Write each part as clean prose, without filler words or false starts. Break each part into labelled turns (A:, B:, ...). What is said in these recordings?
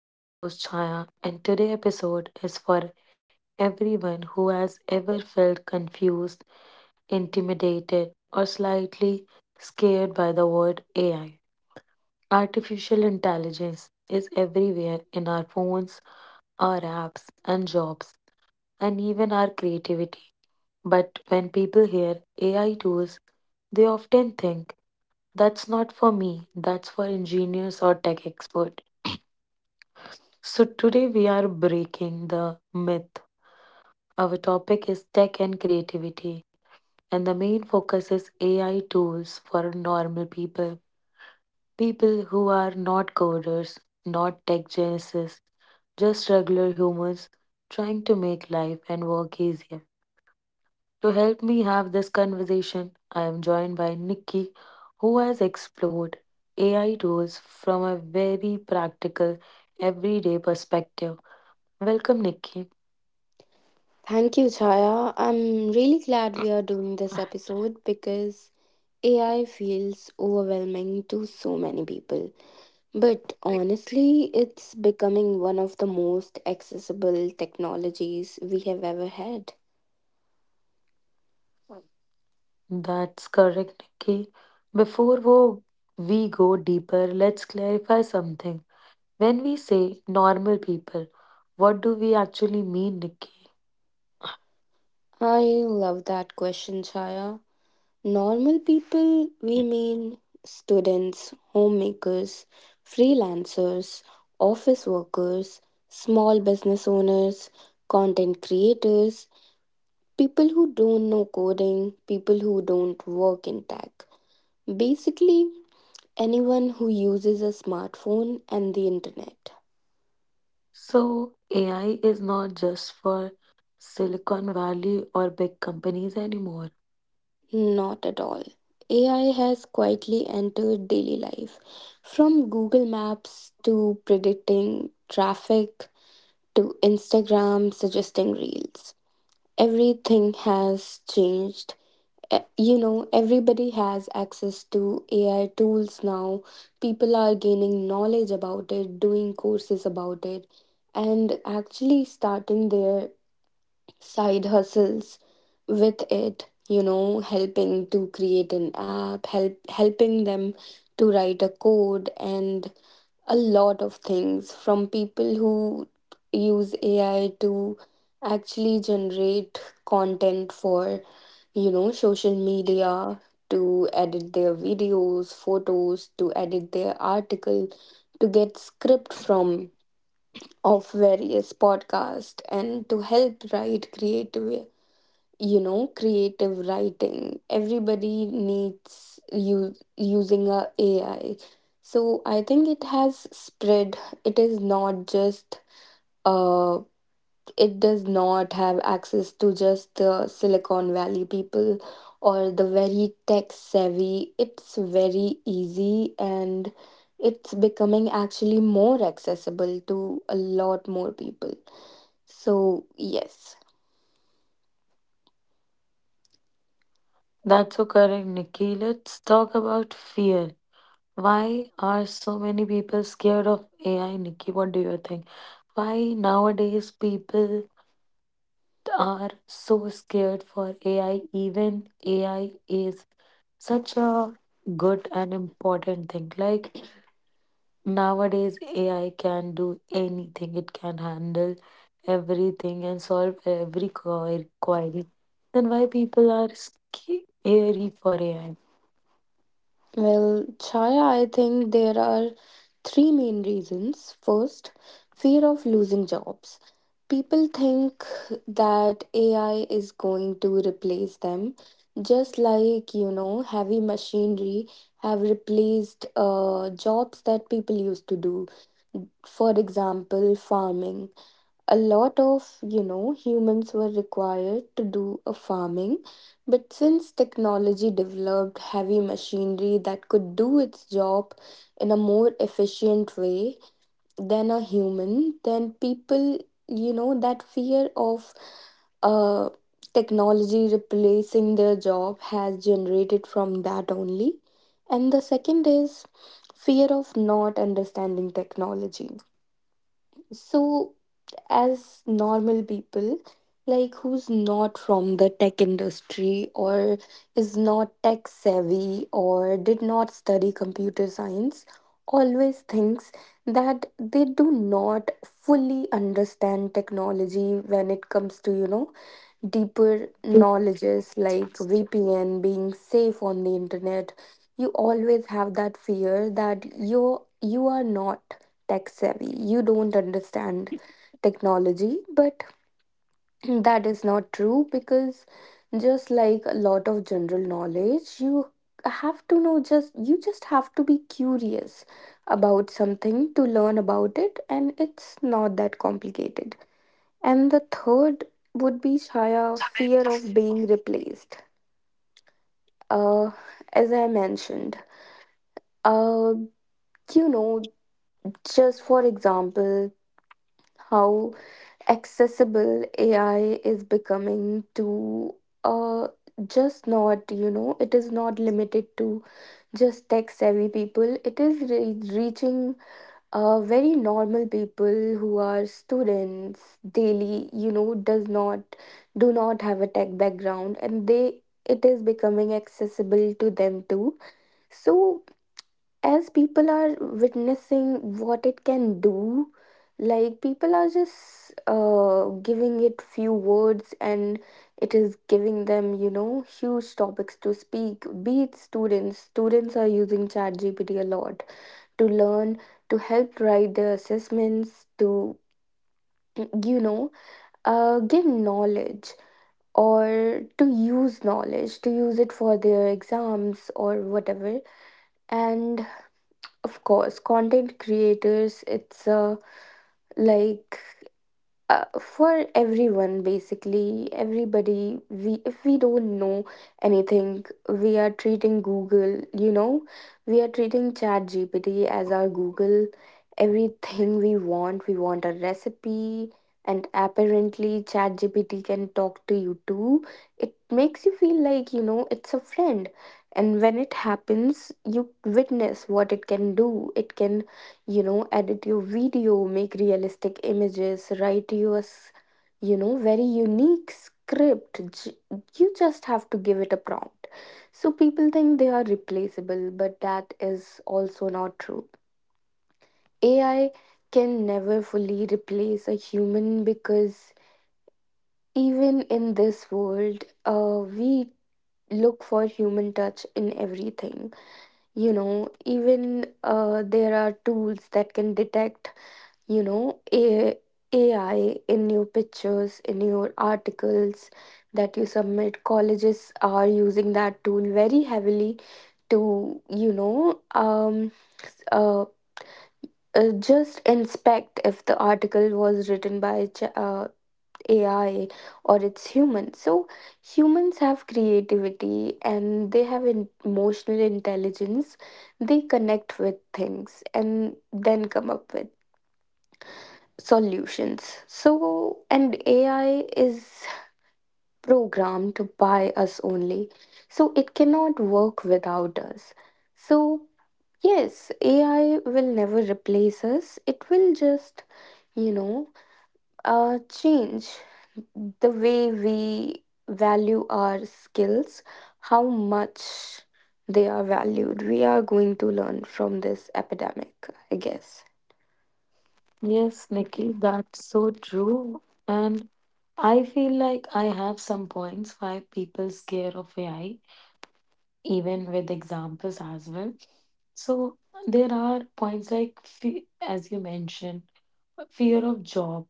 A: I'm your host, Chaya, and today's episode is for everyone who has ever felt confused, intimidated, or slightly scared by the word AI. Artificial intelligence is everywhere in our phones, our apps, and jobs, and even our creativity. But when people hear AI tools, they often think that's not for me, that's for engineers or tech expert. So today we are breaking the myth. Our topic is tech and creativity and the main focus is AI tools for normal people, people who are not coders, not tech geniuses, just regular humans trying to make life and work easier. To help me have this conversation, I am joined by Nikki, who has explored AI tools from a very practical, everyday perspective. Welcome, Nikki.
B: Thank you, Chaya. I'm really glad we are doing this episode because AI feels overwhelming to so many people. But honestly, it's becoming one of the most accessible technologies we have ever had.
A: That's correct, Nikki. Before wo- we go deeper, let's clarify something. When we say normal people, what do we actually mean, Nikki?
B: I love that question, Chaya. Normal people, we mean students, homemakers, freelancers, office workers, small business owners, content creators, people who don't know coding, people who don't work in tech. Basically, anyone who uses a smartphone and the internet.
A: So, AI is not just for Silicon Valley or big companies anymore.
B: Not at all. AI has quietly entered daily life. From Google Maps to predicting traffic to Instagram suggesting reels. Everything has changed. e- Everybody has access to ai tools now. People are gaining knowledge about it, doing courses about it, and actually starting their side hustles with it, helping to create an app, helping them to write a code, and a lot of things. From people who use ai to actually generate content for, social media, to edit their videos, photos, to edit their article, to get script from of various podcast, and to help write creative, creative writing. Everybody needs you using a ai, so I think it has spread. It is not just a, it does not have access to just the Silicon Valley people or the very tech savvy. It's very easy and it's becoming actually more accessible to a lot more people. So, yes.
A: That's so correct, Nikki. Let's talk about fear. Why are so many people scared of AI, Nikki? What do you think? Why nowadays people are so scared for AI, even AI is such a good and important thing. Like nowadays, AI can do anything, it can handle everything and solve every query. Then why people are scary for AI?
B: Well, Chaya, I think there are three main reasons. First, fear of losing jobs. People think that AI is going to replace them, just like, you know, heavy machinery have replaced jobs that people used to do. For example, farming, a lot of, humans were required to do a farming, but since technology developed heavy machinery that could do its job in a more efficient way than a human, then people, that fear of uh, technology replacing their job has generated from that only. And the second is fear of not understanding technology. So as normal people, like who's not from the tech industry or is not tech savvy or did not study computer science, always thinks that they do not fully understand technology when it comes to, you know, deeper knowledges like VPN, being safe on the internet, you always have that fear that you are not tech savvy. You don't understand technology, but that is not true, because just like a lot of general knowledge, you have to know, just you just have to be curious about something to learn about it, and it's not that complicated. And the third would be, Chaya, fear of being replaced. Uh, as I mentioned, uh, you know, just for example, how accessible AI is becoming to, uh, just not, you know, it is not limited to just tech savvy people, it is reaching very normal people who are students daily, does not do not have a tech background, and they, it is becoming accessible to them too. So as people are witnessing what it can do, like people are just giving it few words and it is giving them, huge topics to speak. Be it students are using ChatGPT a lot to learn, to help write the assessments, to, you know, give knowledge or to use knowledge, to use it for their exams or whatever. And of course, content creators, it's a like, for everyone. Basically everybody, we if we don't know anything, we are treating google, we are treating chat gpt as our google. Everything we want, we want a recipe, and apparently chat gpt can talk to you too. It makes you feel like, it's a friend. And when it happens, you witness what it can do. It can, edit your video, make realistic images, write your very unique script. You just have to give it a prompt. So people think they are replaceable, but that is also not true. Ai can never fully replace a human, because even in this world, we look for human touch in everything. You know, even there are tools that can detect, you know A- ai in your pictures, in your articles that you submit. Colleges are using that tool very heavily to, uh, just inspect if the article was written by AI or it's human. So humans have creativity and they have emotional intelligence. They connect with things and then come up with solutions. So, and AI is programmed to buy us only. So, it cannot work without us. So, yes, AI will never replace us. It will just, you know, change the way we value our skills, how much they are valued. We are going to learn from this epidemic, I guess.
A: Yes, Nikki, that's so true. And I feel like I have some points why people scare of AI even with examples as well. So there are points like, as you mentioned, fear of job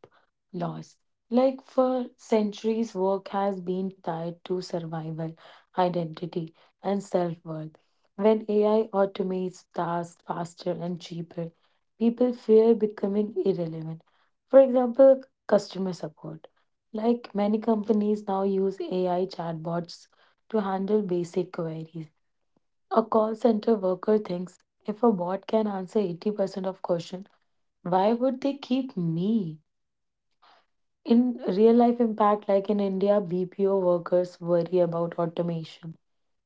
A: loss. Like for centuries, work has been tied to survival, identity, and self worth. When AI automates tasks faster and cheaper, people fear becoming irrelevant. For example, customer support. Like many companies now use AI chatbots to handle basic queries, a call center worker thinks, if a bot can answer 80% of question, why would they keep me? In real life impact, like in India, BPO workers worry about automation.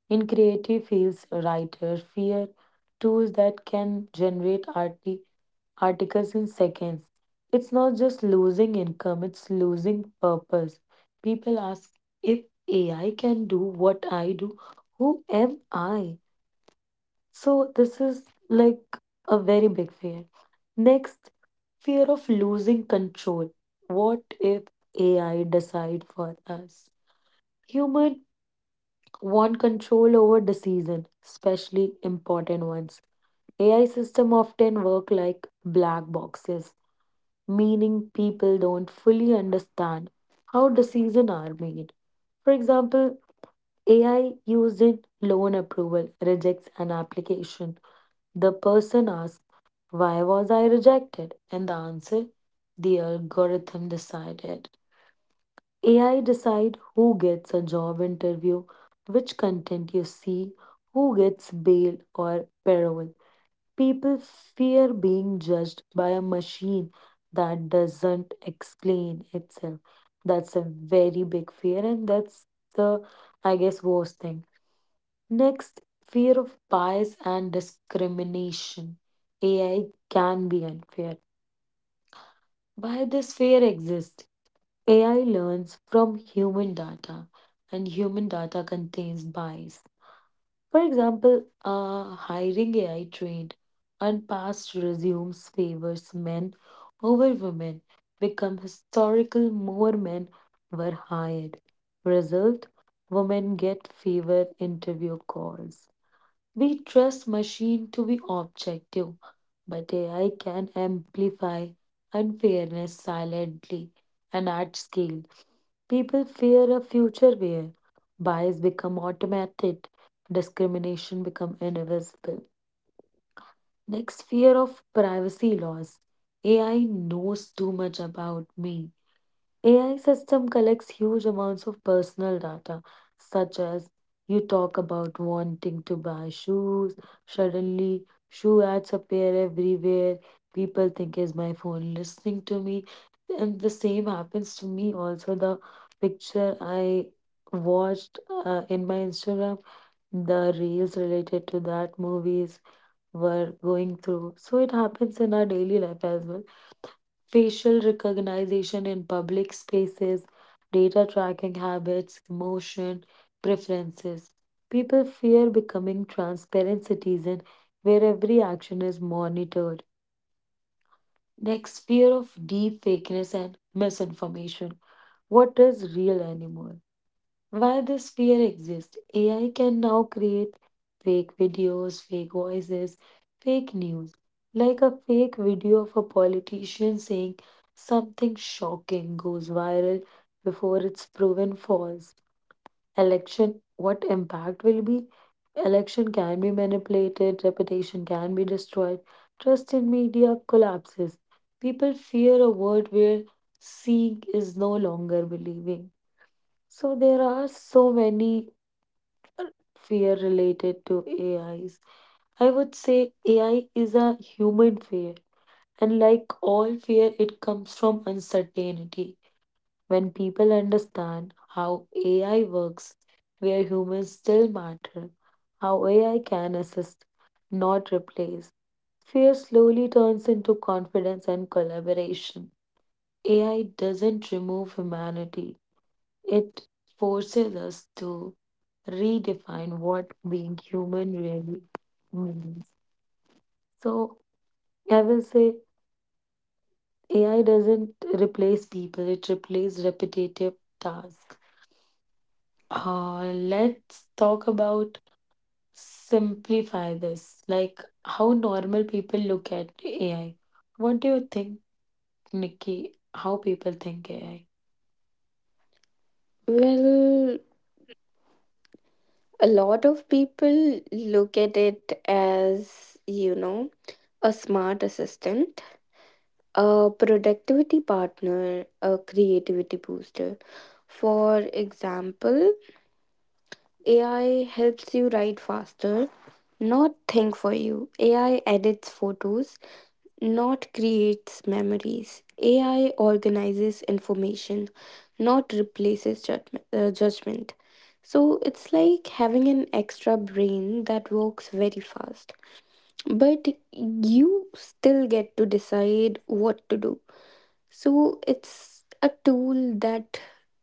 A: In creative fields, writers fear tools that can generate articles in seconds. It's not just losing income, it's losing purpose. People ask, if AI can do what I do, who am I? So this is like a very big fear. Next, fear of losing control. What if AI decide for us? Human want control over decision, especially important ones. AI system often work like black boxes, meaning people don't fully understand how decisions are made. For example, AI used in loan approval rejects an application, the person asks, why was I rejected? And the answer, the algorithm decided. AI decide who gets a job interview, which content you see, who gets bail or parole. People fear being judged by a machine that doesn't explain itself. That's a very big fear, and that's the, I guess, worst thing. Next, fear of bias and discrimination. AI can be unfair. Why this fear exists? AI learns from human data, and human data contains bias. For example, a hiring AI trained on past resumes favors men over women, become historical more men were hired. Result, women get fewer interview calls. We trust machine to be objective, but AI can amplify unfairness silently and at scale. People fear a future where bias become automated, discrimination become invisible. Next, fear of privacy laws. AI knows too much about me. AI system collects huge amounts of personal data, such as you talk about wanting to buy shoes, suddenly shoe ads appear everywhere. People think, is my phone listening to me? And the same happens to me also. The picture I watched in my Instagram, the reels related to that movies were going through. So it happens in our daily life as well. Facial recognition in public spaces, data tracking habits, emotion preferences. People fear becoming transparent citizens where every action is monitored. Next, fear of deep fakeness and misinformation. What is real anymore? Why this fear exists? AI can now create fake videos, fake voices, fake news, like a fake video of a politician saying something shocking goes viral before it's proven false. Election, what impact will be? Election can be manipulated, reputation can be destroyed, trust in media collapses. People fear a world where seeing is no longer believing. So there are so many fear related to AIs. I would say AI is a human fear, and like all fear, it comes from uncertainty. When people understand how AI works, where humans still matter, how AI can assist, not replace, fear slowly turns into confidence and collaboration. AI doesn't remove humanity. It forces us to redefine what being human really means. So I will say AI doesn't replace people, it replaces repetitive tasks. Let's talk about simplify this, like how normal people look at AI. What do you think, Nikki? How people think AI?
B: Well, a lot of people look at it as, you know, a smart assistant, a productivity partner, a creativity booster. For example, AI helps you write faster, not think for you. AI edits photos, not creates memories. AI organizes information, not replaces judgment. So it's like having an extra brain that works very fast, but you still get to decide what to do. So it's a tool that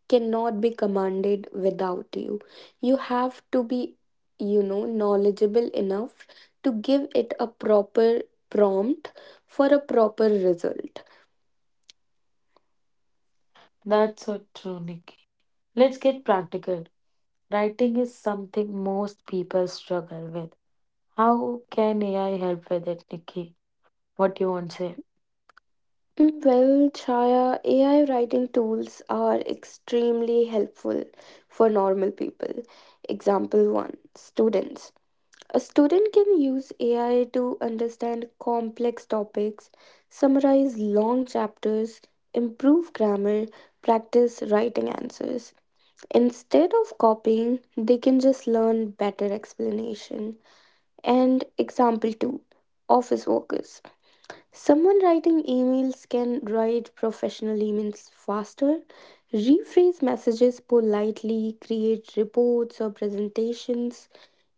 B: cannot be commanded without you. You have to be, you know, knowledgeable enough to give it a proper prompt for a proper result.
A: That's so true, Nikki. Let's get practical. Writing is something most people struggle with. How can AI help with it, Nikki? What you want to say?
B: Well, Chaya, AI writing tools are extremely helpful for normal people. Example 1, students. A student can use AI to understand complex topics, summarize long chapters, improve grammar, practice writing answers. Instead of copying, they can just learn better explanation. And example 2, office workers. Someone writing emails can write professional emails faster, rephrase messages politely, create reports or presentations.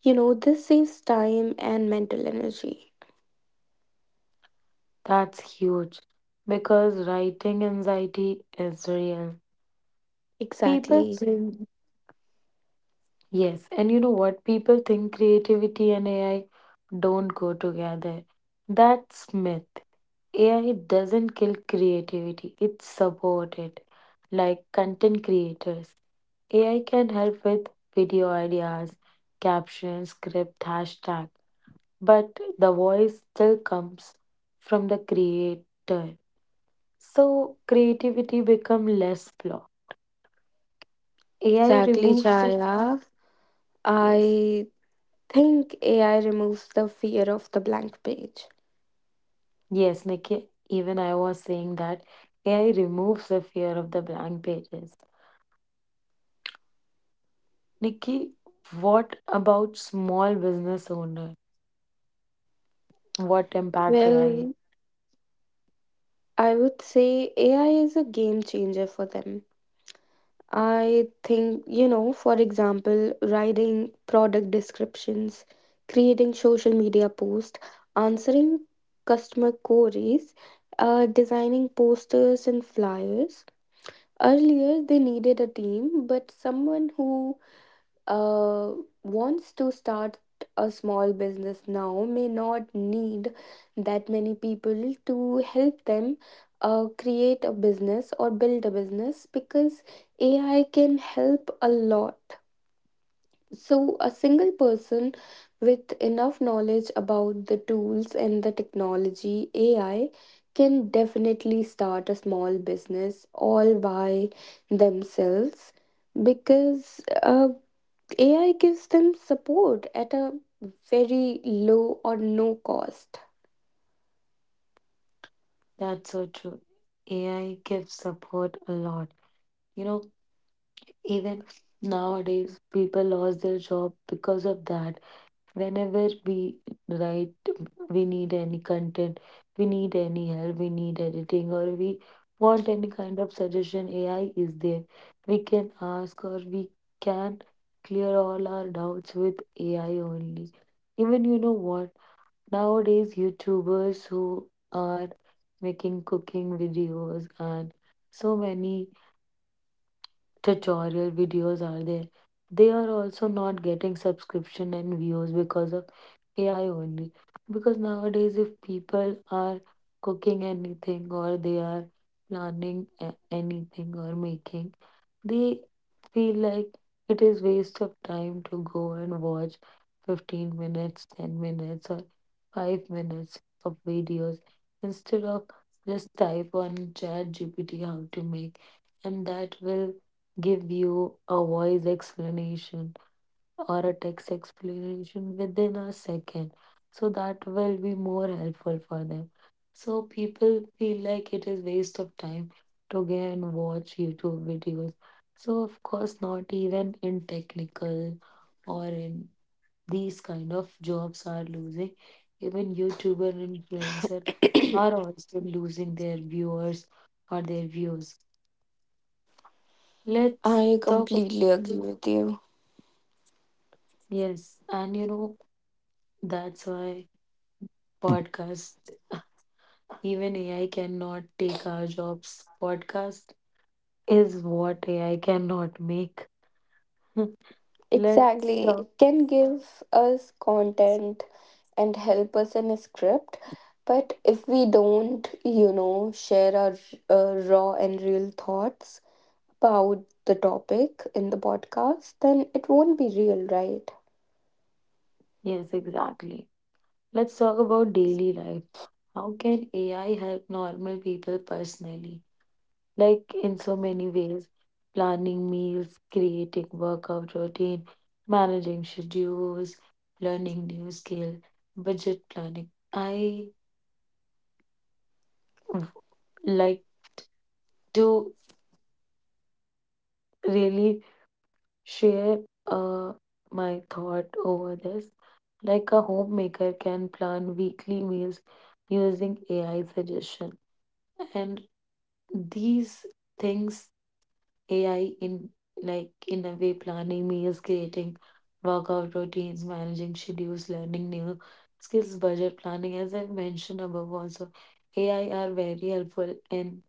B: You know, this saves time and mental energy.
A: That's huge. Because writing anxiety is real. People
B: Exactly.
A: think, yes, and you know what? People think creativity and AI don't go together. That's myth. AI doesn't kill creativity, it supports it. Like content creators, AI can help with video ideas, captions, script, hashtag. But the voice still comes from the creator. So creativity become less flawed. AI
B: Exactly,
A: removes the
B: Chaya.
A: yes.
B: I think AI removes the fear of the blank page.
A: Yes, Nikki, even I was saying that AI removes the fear of the blank pages. Nikki, what about small business owner? What impact AI?
B: Well, I would say AI is a game changer for them. I think, you know, for example, writing product descriptions, creating social media posts, answering customer queries, designing posters and flyers. Earlier, they needed a team, but someone who uh, wants to start a small business now may not need that many people to help them create a business or build a business, because AI can help a lot. So, a single person with enough knowledge about the tools and the technology AI can definitely start a small business all by themselves, because AI gives them support at a very low or no cost.
A: That's so true. AI gives support a lot. You know, even nowadays people lost their job because of that. Whenever we write, we need any content, we need any help, we need editing, or we want any kind of suggestion, AI is there. We can ask, or we can clear all our doubts with AI only. Even you know what, nowadays YouTubers who are making cooking videos and so many tutorial videos are there, they are also not getting subscription and views because of AI only. Because nowadays, if people are cooking anything or they are anything or making, they feel like it is waste of time to go and watch 15 minutes, 10 minutes, or 5 minutes of videos instead of just type on chat GPT how to make, and that will give you a voice explanation or a text explanation within a second. So that will be more helpful for them. So people feel like it is waste of time to go and watch YouTube videos. So of course not even in technical or in these kind of jobs are losing. Even YouTuber and influencer are also losing their viewers or their views. Let's
B: I
A: talk
B: completely agree with you.
A: yes, and you know that's why podcasts, even AI cannot take our jobs. Podcast is what AI cannot make. Let's
B: Exactly.
A: talk.
B: It can give us content and help us in a script. But if we don't, you know, share our raw and real thoughts about the topic in the podcast, then it won't be real, right?
A: Yes, exactly. Let's talk about daily life. How can AI help normal people personally? Like in so many ways, planning meals, creating workout routine, managing schedules, learning new skill, budget planning. W- like to really share uh, my thought over this. Like a homemaker can plan weekly meals using AI suggestion, and these things AI in like in a way planning meals, creating workout routines, managing schedules, learning new skills, budget planning. As I mentioned above, also AI are very helpful in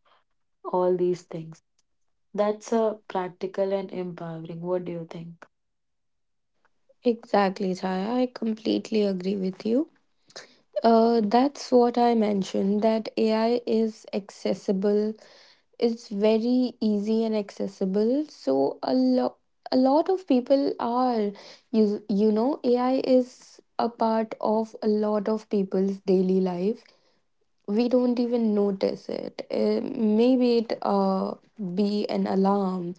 A: all these things. That's a practical and empowering. What do you think?
B: Exactly, Chaya. I completely agree with you. That's what I mentioned, that AI is accessible. It's very easy and accessible. So a lot of people are, you know AI is a part of a lot of people's daily life, we don't even notice it. Maybe it be an alarm.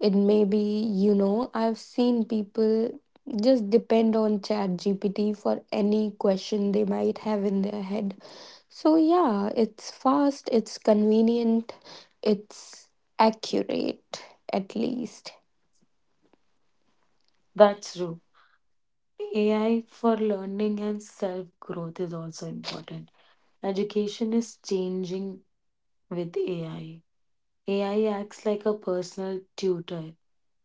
B: It may be, you know, I've seen people just depend on Chat GPT for any question they might have in their head. So, yeah, it's fast, it's convenient, it's accurate, at least.
A: That's true. AI for learning and self growth is also important. Education is changing with AI. AI acts like a personal tutor.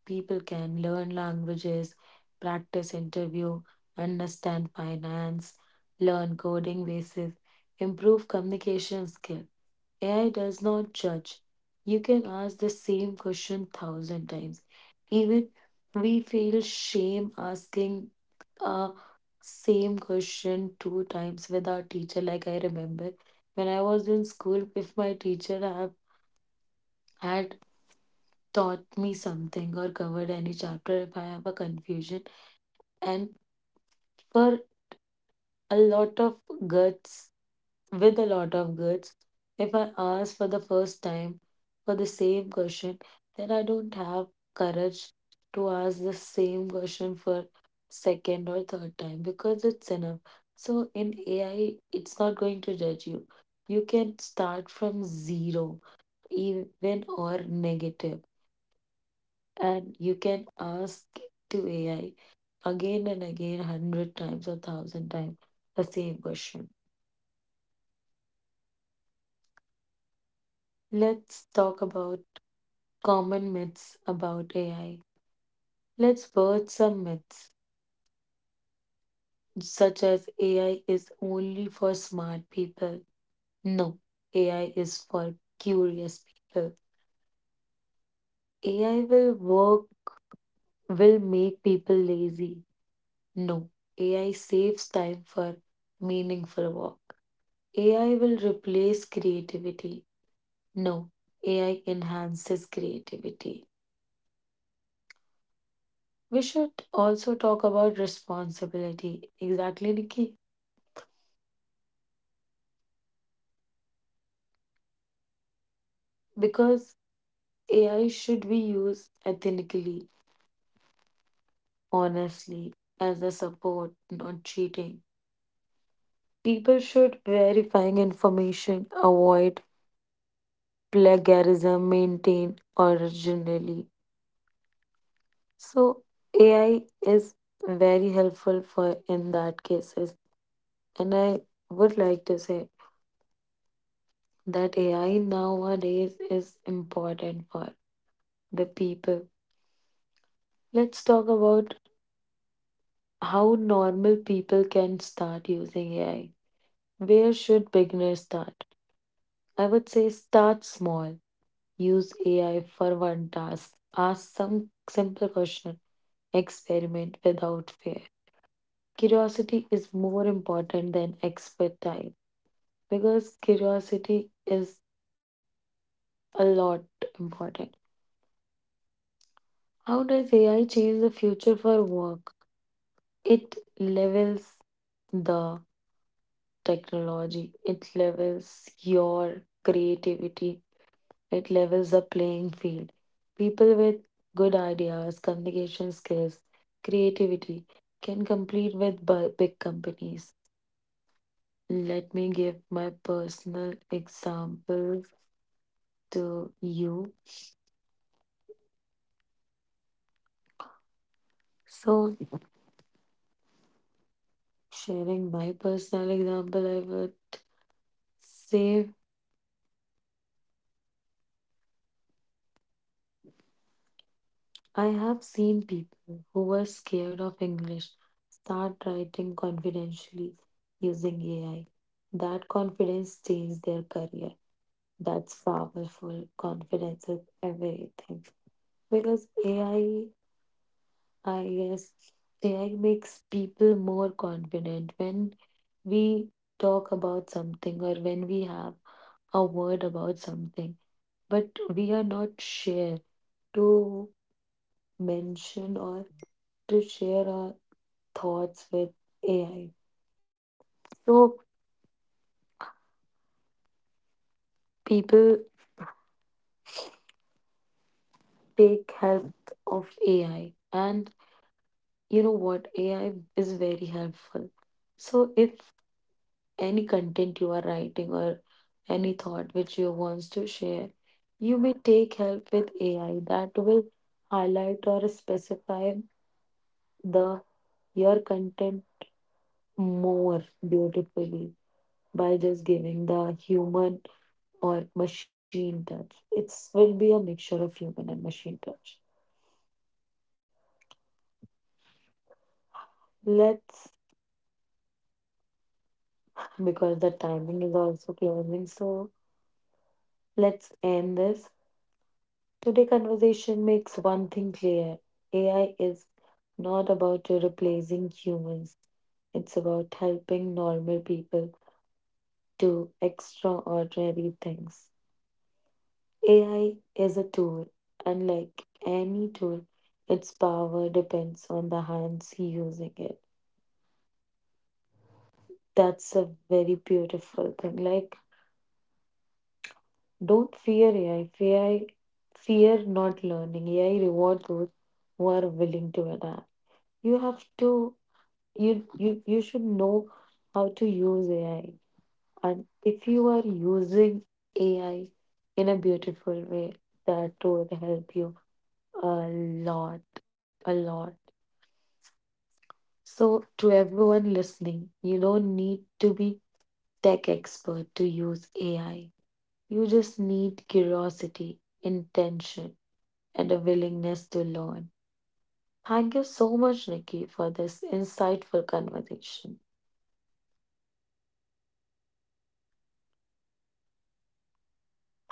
A: People can learn languages, practice interview, understand finance, learn coding basis, improve communication skill. AI does not judge. You can ask the same question thousand times. Even we feel shame asking uh, same question two times with our teacher. Like I remember when I was in school, if my teacher have, had taught me something or covered any chapter, if I have a confusion, and for a lot of guts with a lot of goods. If I ask for the first time for the same question, then I don't have courage to ask the same question for second or third time because it's enough. So in AI, it's not going to judge you. You can start from zero, even or negative, and you can ask to AI again and again, 100 times or 1,000 times the same question. Let's talk about common myths about AI. Let's burst some myths, such as AI is only for smart people. No, AI is for curious people. AI will work, will make people lazy. No, AI saves time for meaningful work. AI will replace creativity. No, AI enhances creativity. We should also talk about responsibility. Exactly, Nikki. Because AI should be used ethically, honestly, as a support, not cheating. People should verifying information, avoid plagiarism, maintain originally. So AI is very helpful for in that cases. And I would like to say that AI nowadays is important for the people. Let's talk about how normal people can start using AI. Where should beginners start? I would say start small. Use AI for one task. Ask some simple question. Experiment without fear. Curiosity is more important than expertise because curiosity is a lot important. How does AI change the future for work? It levels the technology. It levels your creativity. It levels the playing field. People with good ideas, communication skills, creativity can compete with big companies. Let me give my personal example to you. So, sharing my personal example, I would say I have seen people who were scared of English start writing confidentially using AI. That confidence changed their career. That's powerful. Confidence is everything. Because AI, I guess, AI makes people more confident when we talk about something or when we have a word about something, but we are not sure to mention or to share our thoughts with AI. So people take help of AI, and you know what? AI is very helpful. So if any content you are writing or any thought which you wants to share, you may take help with AI, that will highlight or specify the your content more beautifully by just giving the human or machine touch. It will be a mixture of human and machine touch. Let's, because the timing is also closing, so let's end this. Today conversation makes one thing clear. AI is not about replacing humans. It's about helping normal people do extraordinary things. AI is a tool. Unlike any tool, its power depends on the hands using it. That's a very beautiful thing. Like, don't fear AI. Fear, AI, fear not learning. AI reward those who are willing to adapt. You have to you should know how to use AI. And if you are using AI in a beautiful way, that will help you a lot, a lot. So to everyone listening, you don't need to be tech expert to use AI. You just need curiosity, intention, and a willingness to learn. Thank you so much, Nikki, for this insightful conversation.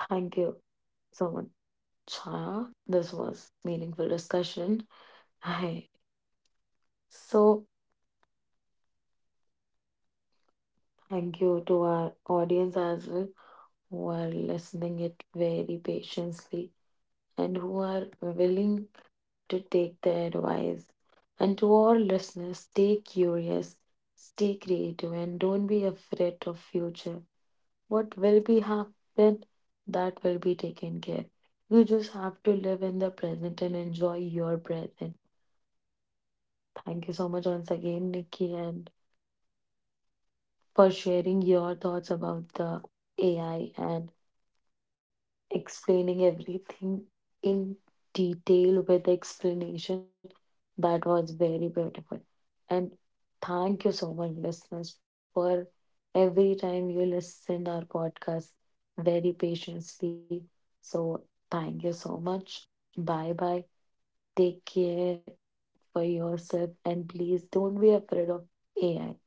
A: Thank you so much. Chaya. This was meaningful discussion. I so thank you to our audience as well who are listening it very patiently and who are willing to take their advice. And to all listeners, stay curious, stay creative, and don't be afraid of future. What will be happen, that will be taken care. You just have to live in the present and enjoy your present. Thank you so much once again, Nikki, and for sharing your thoughts about the AI and explaining everything in detail with explanation. That was very beautiful. And thank you so much, listeners, for every time you listen our podcast very patiently. So thank you so much. Bye bye. Take care for yourself and please don't be afraid of AI,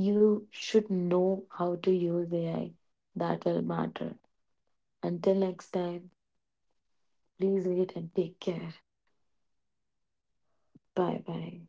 A: you should know how to use AI. That will matter. Until next time, please read and take care. Bye bye.